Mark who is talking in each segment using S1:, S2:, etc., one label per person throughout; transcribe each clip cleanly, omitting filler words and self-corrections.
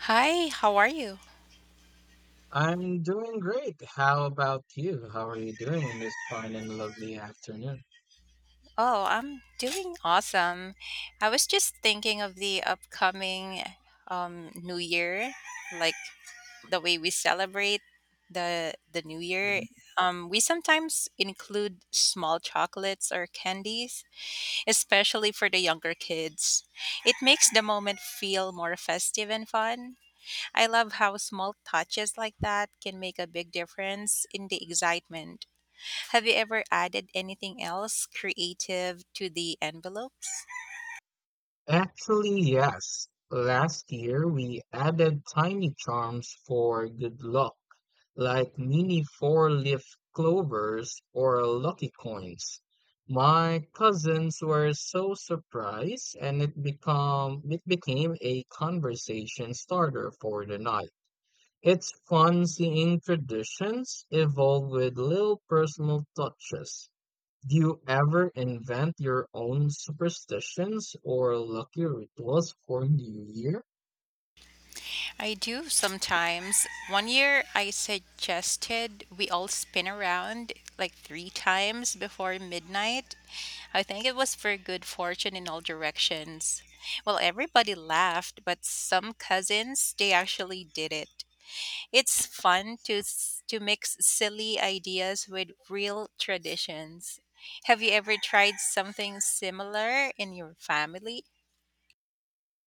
S1: Hi, how are you?
S2: I'm doing great. How about you? How are you doing in this fine and lovely afternoon?
S1: Oh, I'm doing awesome. I was just thinking of the upcoming New Year, like the way we celebrate the New Year.
S2: Mhm.
S1: We sometimes include small chocolates or candies, especially for the younger kids. It makes the moment feel more festive and fun. I love how small touches like that can make a big difference in the excitement. Have you ever added anything else creative to the envelopes?
S2: Actually, yes. Last year, we added tiny charms for good luck, like mini four-leaf clovers or lucky coins. My cousins were so surprised, and it became a conversation starter for the night. It's fun seeing traditions evolve with little personal touches. Do you ever invent your own superstitions or lucky rituals for New Year?
S1: I do sometimes. One year I suggested we all spin around like three times before midnight. I think it was for good fortune in all directions. Well, everybody laughed, but some cousins, they actually did it. It's fun to mix silly ideas with real traditions. Have you ever tried something similar in your family?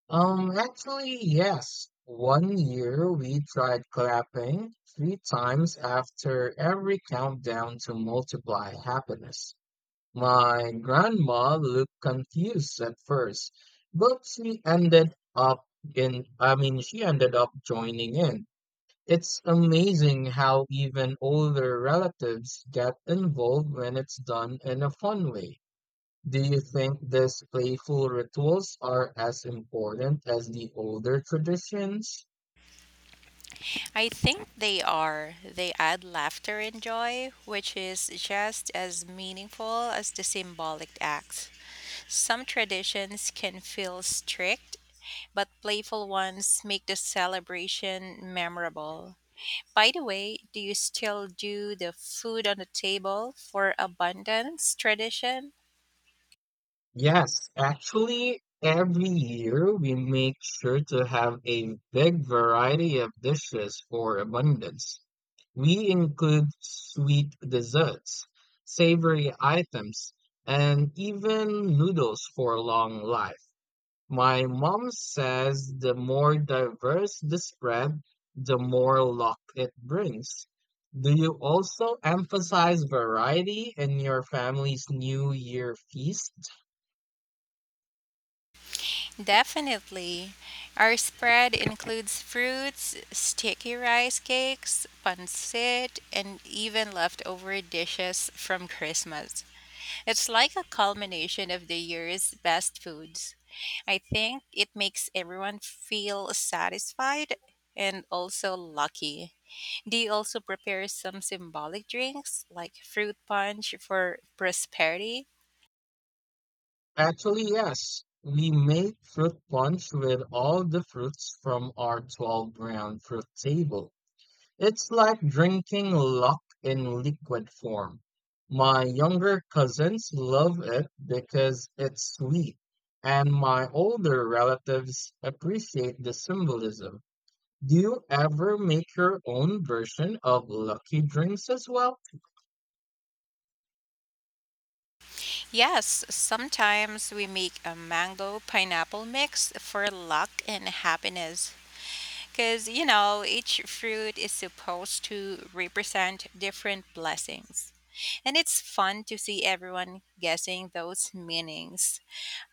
S2: Actually, yes. One year we tried clapping three times after every countdown to multiply happiness. My grandma looked confused at first, but she ended up she ended up joining in. It's amazing how even older relatives get involved when it's done in a fun way. Do you think these playful rituals are as important as the older traditions?
S1: I think they are. They add laughter and joy, which is just as meaningful as the symbolic acts. Some traditions can feel strict, but playful ones make the celebration memorable. By the way, do you still do the food on the table for abundance tradition?
S2: Yes, actually, every year we make sure to have a big variety of dishes for abundance. We include sweet desserts, savory items, and even noodles for long life. My mom says the more diverse the spread, the more luck it brings. Do you also emphasize variety in your family's New Year feast?
S1: Definitely. Our spread includes fruits, sticky rice cakes, pancit, and even leftover dishes from Christmas. It's like a culmination of the year's best foods. I think it makes everyone feel satisfied and also lucky. Do you also prepare some symbolic drinks like fruit punch for prosperity?
S2: Actually, yes. We make fruit punch with all the fruits from our 12 round fruit table. It's like drinking luck in liquid form. My younger cousins love it because it's sweet, and my older relatives appreciate the symbolism. Do you ever make your own version of lucky drinks as well?
S1: Yes, sometimes we make a mango pineapple mix for luck and happiness. Because, you know, each fruit is supposed to represent different blessings. And it's fun to see everyone guessing those meanings.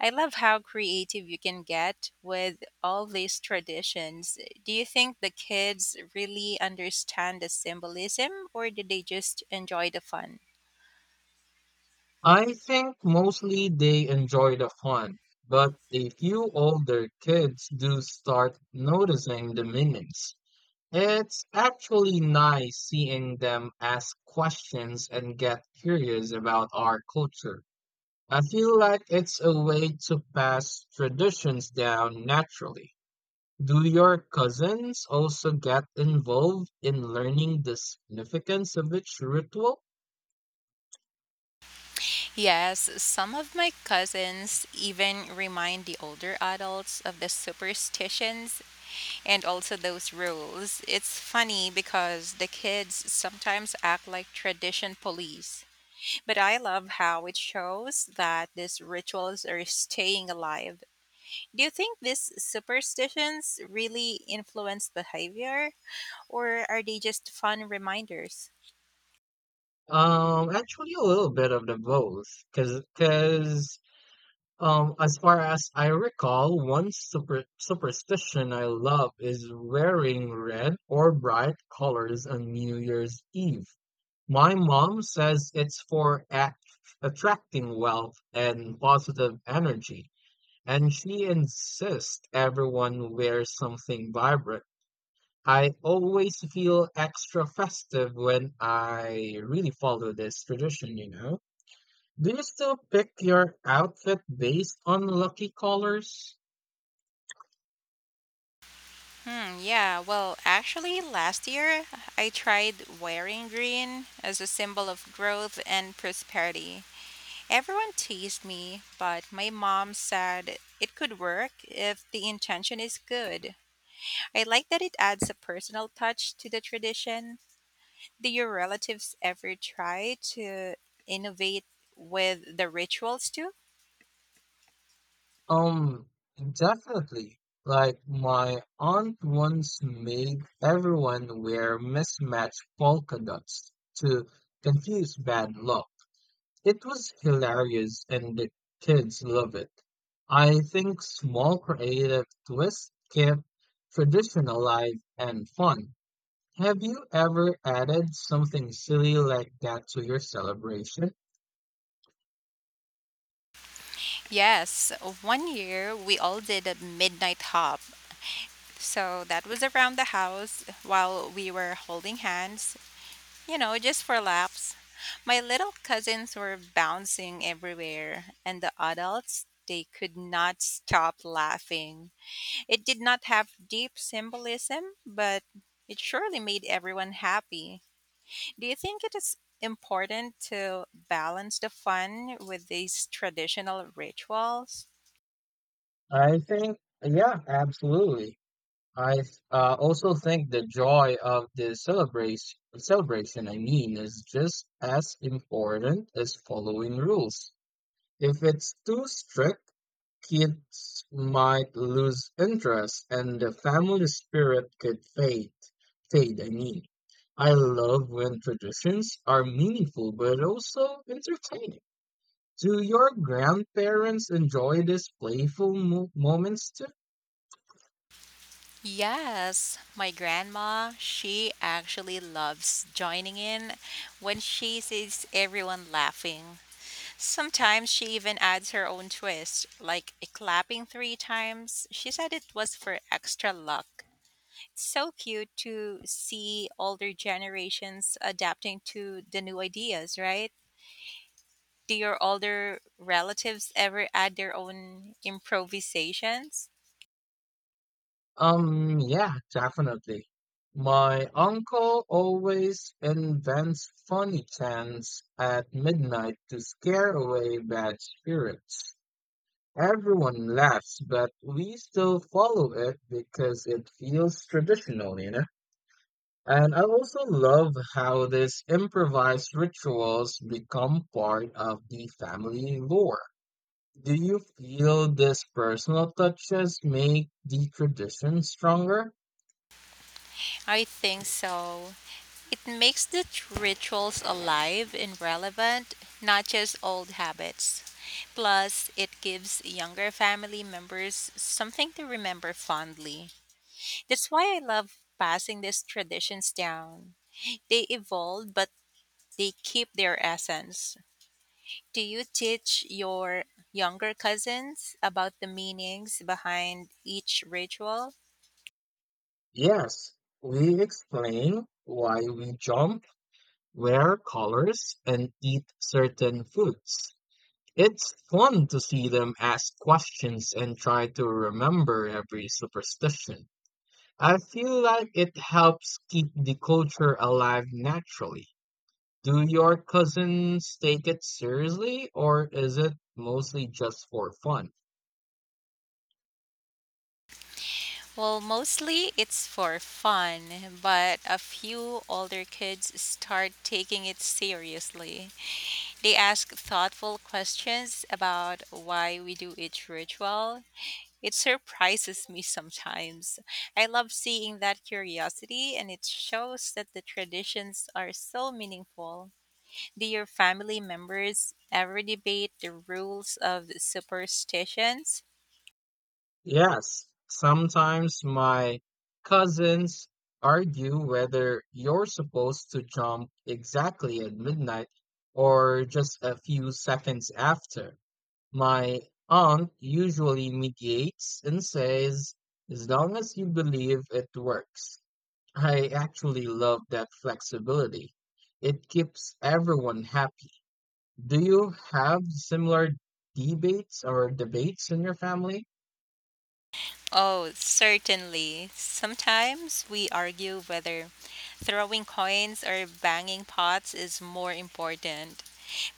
S1: I love how creative you can get with all these traditions. Do you think the kids really understand the symbolism or do they just enjoy the fun?
S2: I think mostly they enjoy the fun, but a few older kids do start noticing the meanings. It's actually nice seeing them ask questions and get curious about our culture. I feel like it's a way to pass traditions down naturally. Do your cousins also get involved in learning the significance of each ritual?
S1: Yes, some of my cousins even remind the older adults of the superstitions and also those rules. It's funny because the kids sometimes act like tradition police. But I love how it shows that these rituals are staying alive. Do you think these superstitions really influence behavior, or are they just fun reminders?
S2: Actually, a little bit of the both, because as far as I recall, one superstition I love is wearing red or bright colors on New Year's Eve. My mom says it's for at attracting wealth and positive energy, and she insists everyone wears something vibrant. I always feel extra festive when I really follow this tradition, you know? Do you still pick your outfit based on lucky colors?
S1: Hmm, yeah, well, actually, last year I tried wearing green as a symbol of growth and prosperity. Everyone teased me, but my mom said it could work if the intention is good. I like that it adds a personal touch to the tradition. Do your relatives ever try to innovate with the rituals too?
S2: Um, Definitely. Like my aunt once made everyone wear mismatched polka dots to confuse bad luck. It was hilarious and the kids love it. I think small creative twists keep tradition alive and fun. Have you ever added something silly like that to your celebration?
S1: Yes, one year we all did a midnight hop, so that was around the house while we were holding hands, you know, just for laughs. My little cousins were bouncing everywhere, and the adults, they could not stop laughing. It did not have deep symbolism, but it surely made everyone happy. Do you think it is important to balance the fun with these traditional rituals?
S2: I think, yeah, absolutely. Also think the joy of the celebration is just as important as following rules. If it's too strict, kids might lose interest and the family spirit could fade. Fade, I mean. I love when traditions are meaningful but also entertaining. Do your grandparents enjoy these playful mo moments too?
S1: Yes, my grandma, she actually loves joining in when she sees everyone laughing. Sometimes she even adds her own twist, like a clapping three times. She said it was for extra luck. It's so cute to see older generations adapting to the new ideas, right? Do your older relatives ever add their own improvisations?
S2: Yeah, definitely. My uncle always invents funny chants at midnight to scare away bad spirits. Everyone laughs, but we still follow it because it feels traditional, you know? And I also love how these improvised rituals become part of the family lore. Do you feel these personal touches make the tradition stronger?
S1: I think so. It makes rituals alive and relevant, not just old habits. Plus, it gives younger family members something to remember fondly. That's why I love passing these traditions down. They evolve, but they keep their essence. Do you teach your younger cousins about the meanings behind each ritual?
S2: Yes, we explain why we jump, wear colors, and eat certain foods. It's fun to see them ask questions and try to remember every superstition. I feel like it helps keep the culture alive naturally. Do your cousins take it seriously, or is it mostly just for fun?
S1: Well, mostly it's for fun, but a few older kids start taking it seriously. They ask thoughtful questions about why we do each ritual. It surprises me sometimes. I love seeing that curiosity, and it shows that the traditions are so meaningful. Do your family members ever debate the rules of superstitions?
S2: Yes, sometimes my cousins argue whether you're supposed to jump exactly at midnight or just a few seconds after. My aunt usually mediates and says, as long as you believe it works. I actually love that flexibility. It keeps everyone happy. Do you have similar debates in your family?
S1: Oh, certainly. Sometimes we argue whether throwing coins or banging pots is more important.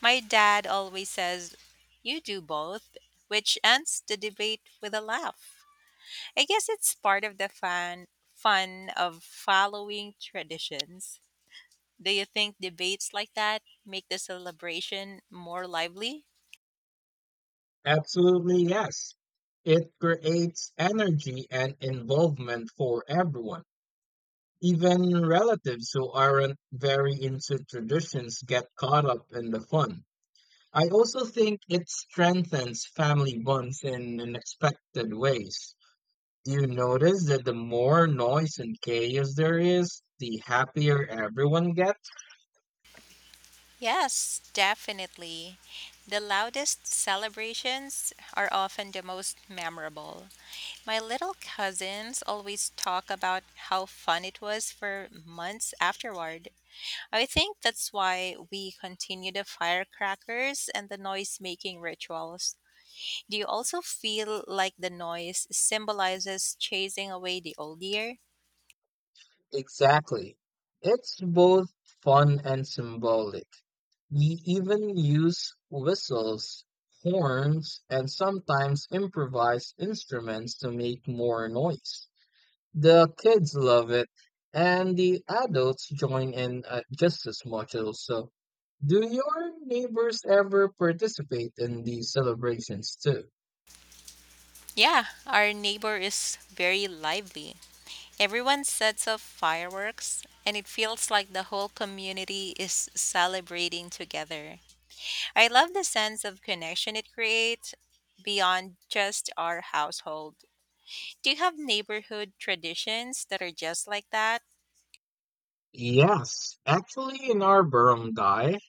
S1: My dad always says, you do both, which ends the debate with a laugh. I guess it's part of fun of following traditions. Do you think debates like that make the celebration more lively?
S2: Absolutely, yes. It creates energy and involvement for everyone. Even relatives who aren't very into traditions get caught up in the fun. I also think it strengthens family bonds in unexpected ways. Do you notice that the more noise and chaos there is, the happier everyone gets?
S1: Yes, definitely. The loudest celebrations are often the most memorable. My little cousins always talk about how fun it was for months afterward. I think that's why we continue the firecrackers and the noise making rituals. Do you also feel like the noise symbolizes chasing away the old year?
S2: Exactly. It's both fun and symbolic. We even use whistles, horns, and sometimes improvised instruments to make more noise. The kids love it, and the adults join in just as much also. Do your neighbors ever participate in these celebrations too?
S1: Yeah, our neighbor is very lively. Everyone sets off fireworks, and it feels like the whole community is celebrating together. I love the sense of connection it creates beyond just our household. Do you have neighborhood traditions that are just like that?
S2: Yes, actually, in our barangay,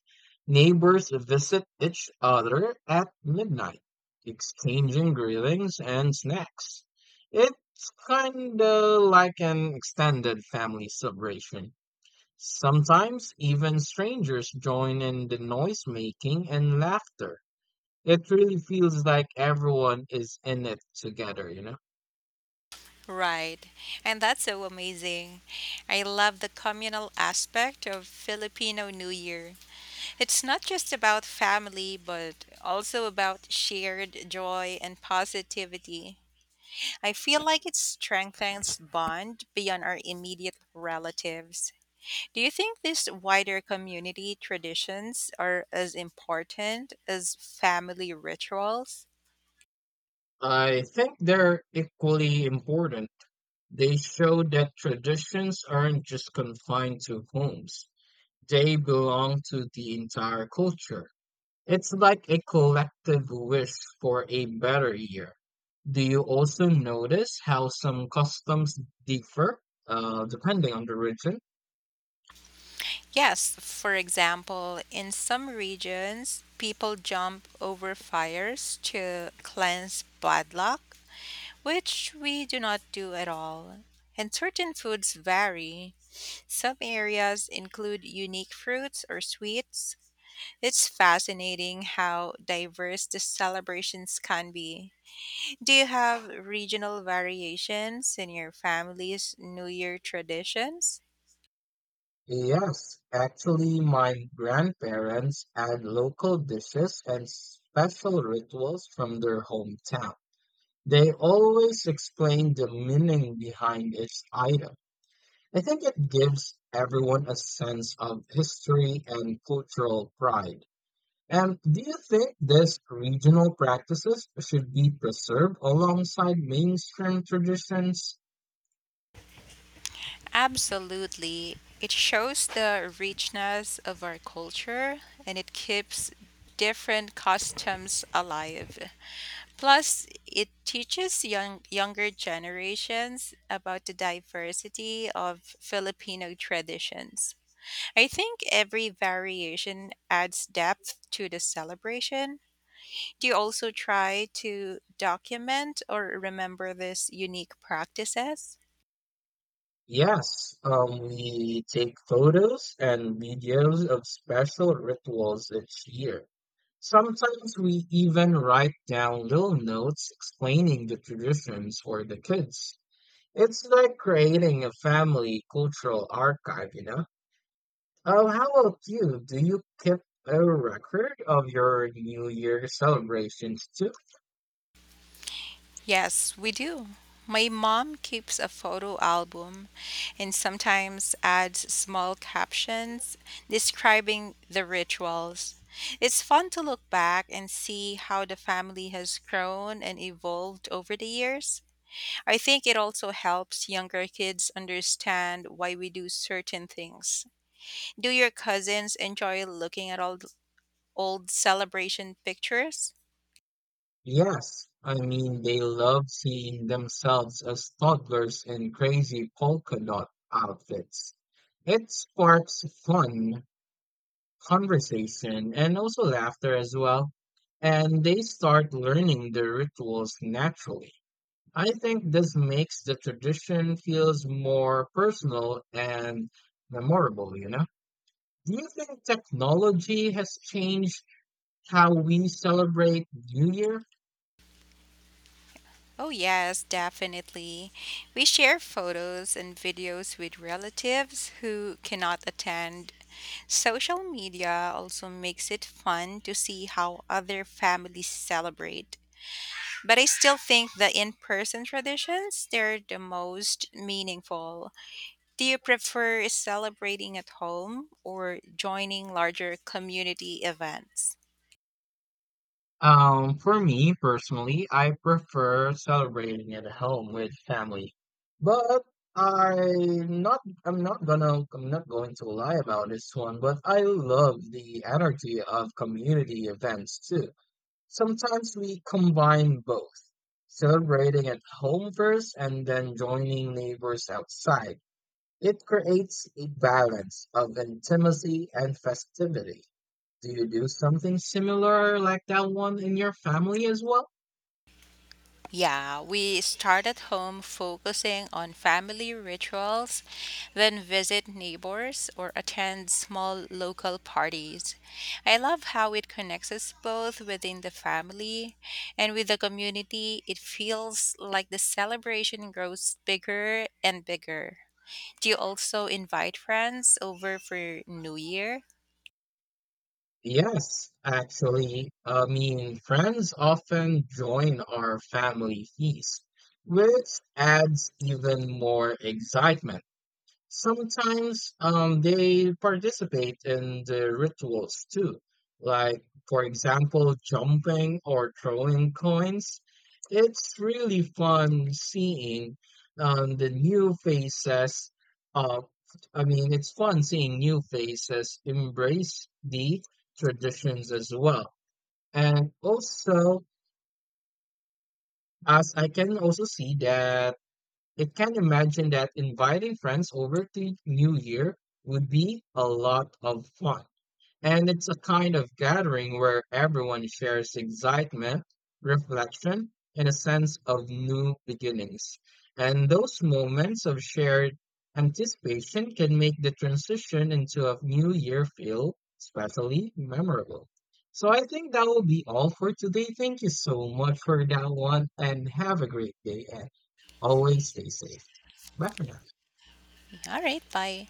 S2: neighbors visit each other at midnight, exchanging greetings and snacks. It's kinda like an extended family celebration. Sometimes even strangers join in the noise making and laughter. It really feels like everyone is in it together, you know?
S1: Right. And that's so amazing. I love the communal aspect of Filipino New Year. It's not just about family, but also about shared joy and positivity. I feel like it strengthens bond beyond our immediate relatives. Do you think these wider community traditions are as important as family rituals?
S2: I think they're equally important. They show that traditions aren't just confined to homes, they belong to the entire culture. It's like a collective wish for a better year. Do you also notice how some customs differ depending on the region?
S1: Yes, for example, in some regions, people jump over fires to cleanse bad luck, which we do not do at all. And certain foods vary. Some areas include unique fruits or sweets. It's fascinating how diverse the celebrations can be. Do you have regional variations in your family's New Year traditions?
S2: Yes, actually, my grandparents add local dishes and special rituals from their hometown. They always explain the meaning behind each item. I think it gives everyone a sense of history and cultural pride. And do you think these regional practices should be preserved alongside mainstream traditions?
S1: Absolutely. It shows the richness of our culture and it keeps different customs alive. Plus, it teaches younger generations about the diversity of Filipino traditions. I think every variation adds depth to the celebration. Do you also try to document or remember these unique practices?
S2: Yes, we take photos and videos of special rituals each year. Sometimes we even write down little notes explaining the traditions for the kids. It's like creating a family cultural archive, you know? Oh, how about you? Do you keep a record of your New Year celebrations too?
S1: Yes, we do. My mom keeps a photo album and sometimes adds small captions describing the rituals. It's fun to look back and see how the family has grown and evolved over the years. I think it also helps younger kids understand why we do certain things. Do your cousins enjoy looking at old celebration pictures?
S2: Yes, I mean they love seeing themselves as toddlers in crazy polka dot outfits. It sparks fun, conversation, and also laughter as well. And they start learning the rituals naturally. I think this makes the tradition feels more personal and memorable, you know? Do you think technology has changed how we celebrate New Year?
S1: Oh, yes, definitely. We share photos and videos with relatives who cannot attend. Social media also makes it fun to see how other families celebrate. But I still think the in person traditions, they're the most meaningful. Do you prefer celebrating at home or joining larger community events?
S2: For me personally, I prefer celebrating at home with family. But I'm not going to lie about this one, but I love the energy of community events too. Sometimes we combine both, celebrating at home first and then joining neighbors outside. It creates a balance of intimacy and festivity. Do you do something similar like that one in your family as well?
S1: Yeah, we start at home focusing on family rituals, then visit neighbors or attend small local parties. I love how it connects us both within the family and with the community. It feels like the celebration grows bigger and bigger. Do you also invite friends over for New Year?
S2: Yes, actually, I mean, friends often join our family feast, which adds even more excitement. Sometimes they participate in the rituals too, like, for example, jumping or throwing coins. It's really fun seeing the new faces. Uh, I mean, it's fun seeing new faces embrace the traditions as well. And also, as I can also see that it can imagine that inviting friends over to New Year would be a lot of fun. And it's a kind of gathering where everyone shares excitement, reflection, and a sense of new beginnings. And those moments of shared anticipation can make the transition into a new year feel especially memorable. So I think that will be all for today. Thank you so much for that one and have a great day. And always stay safe. Bye for now.
S1: All right, bye.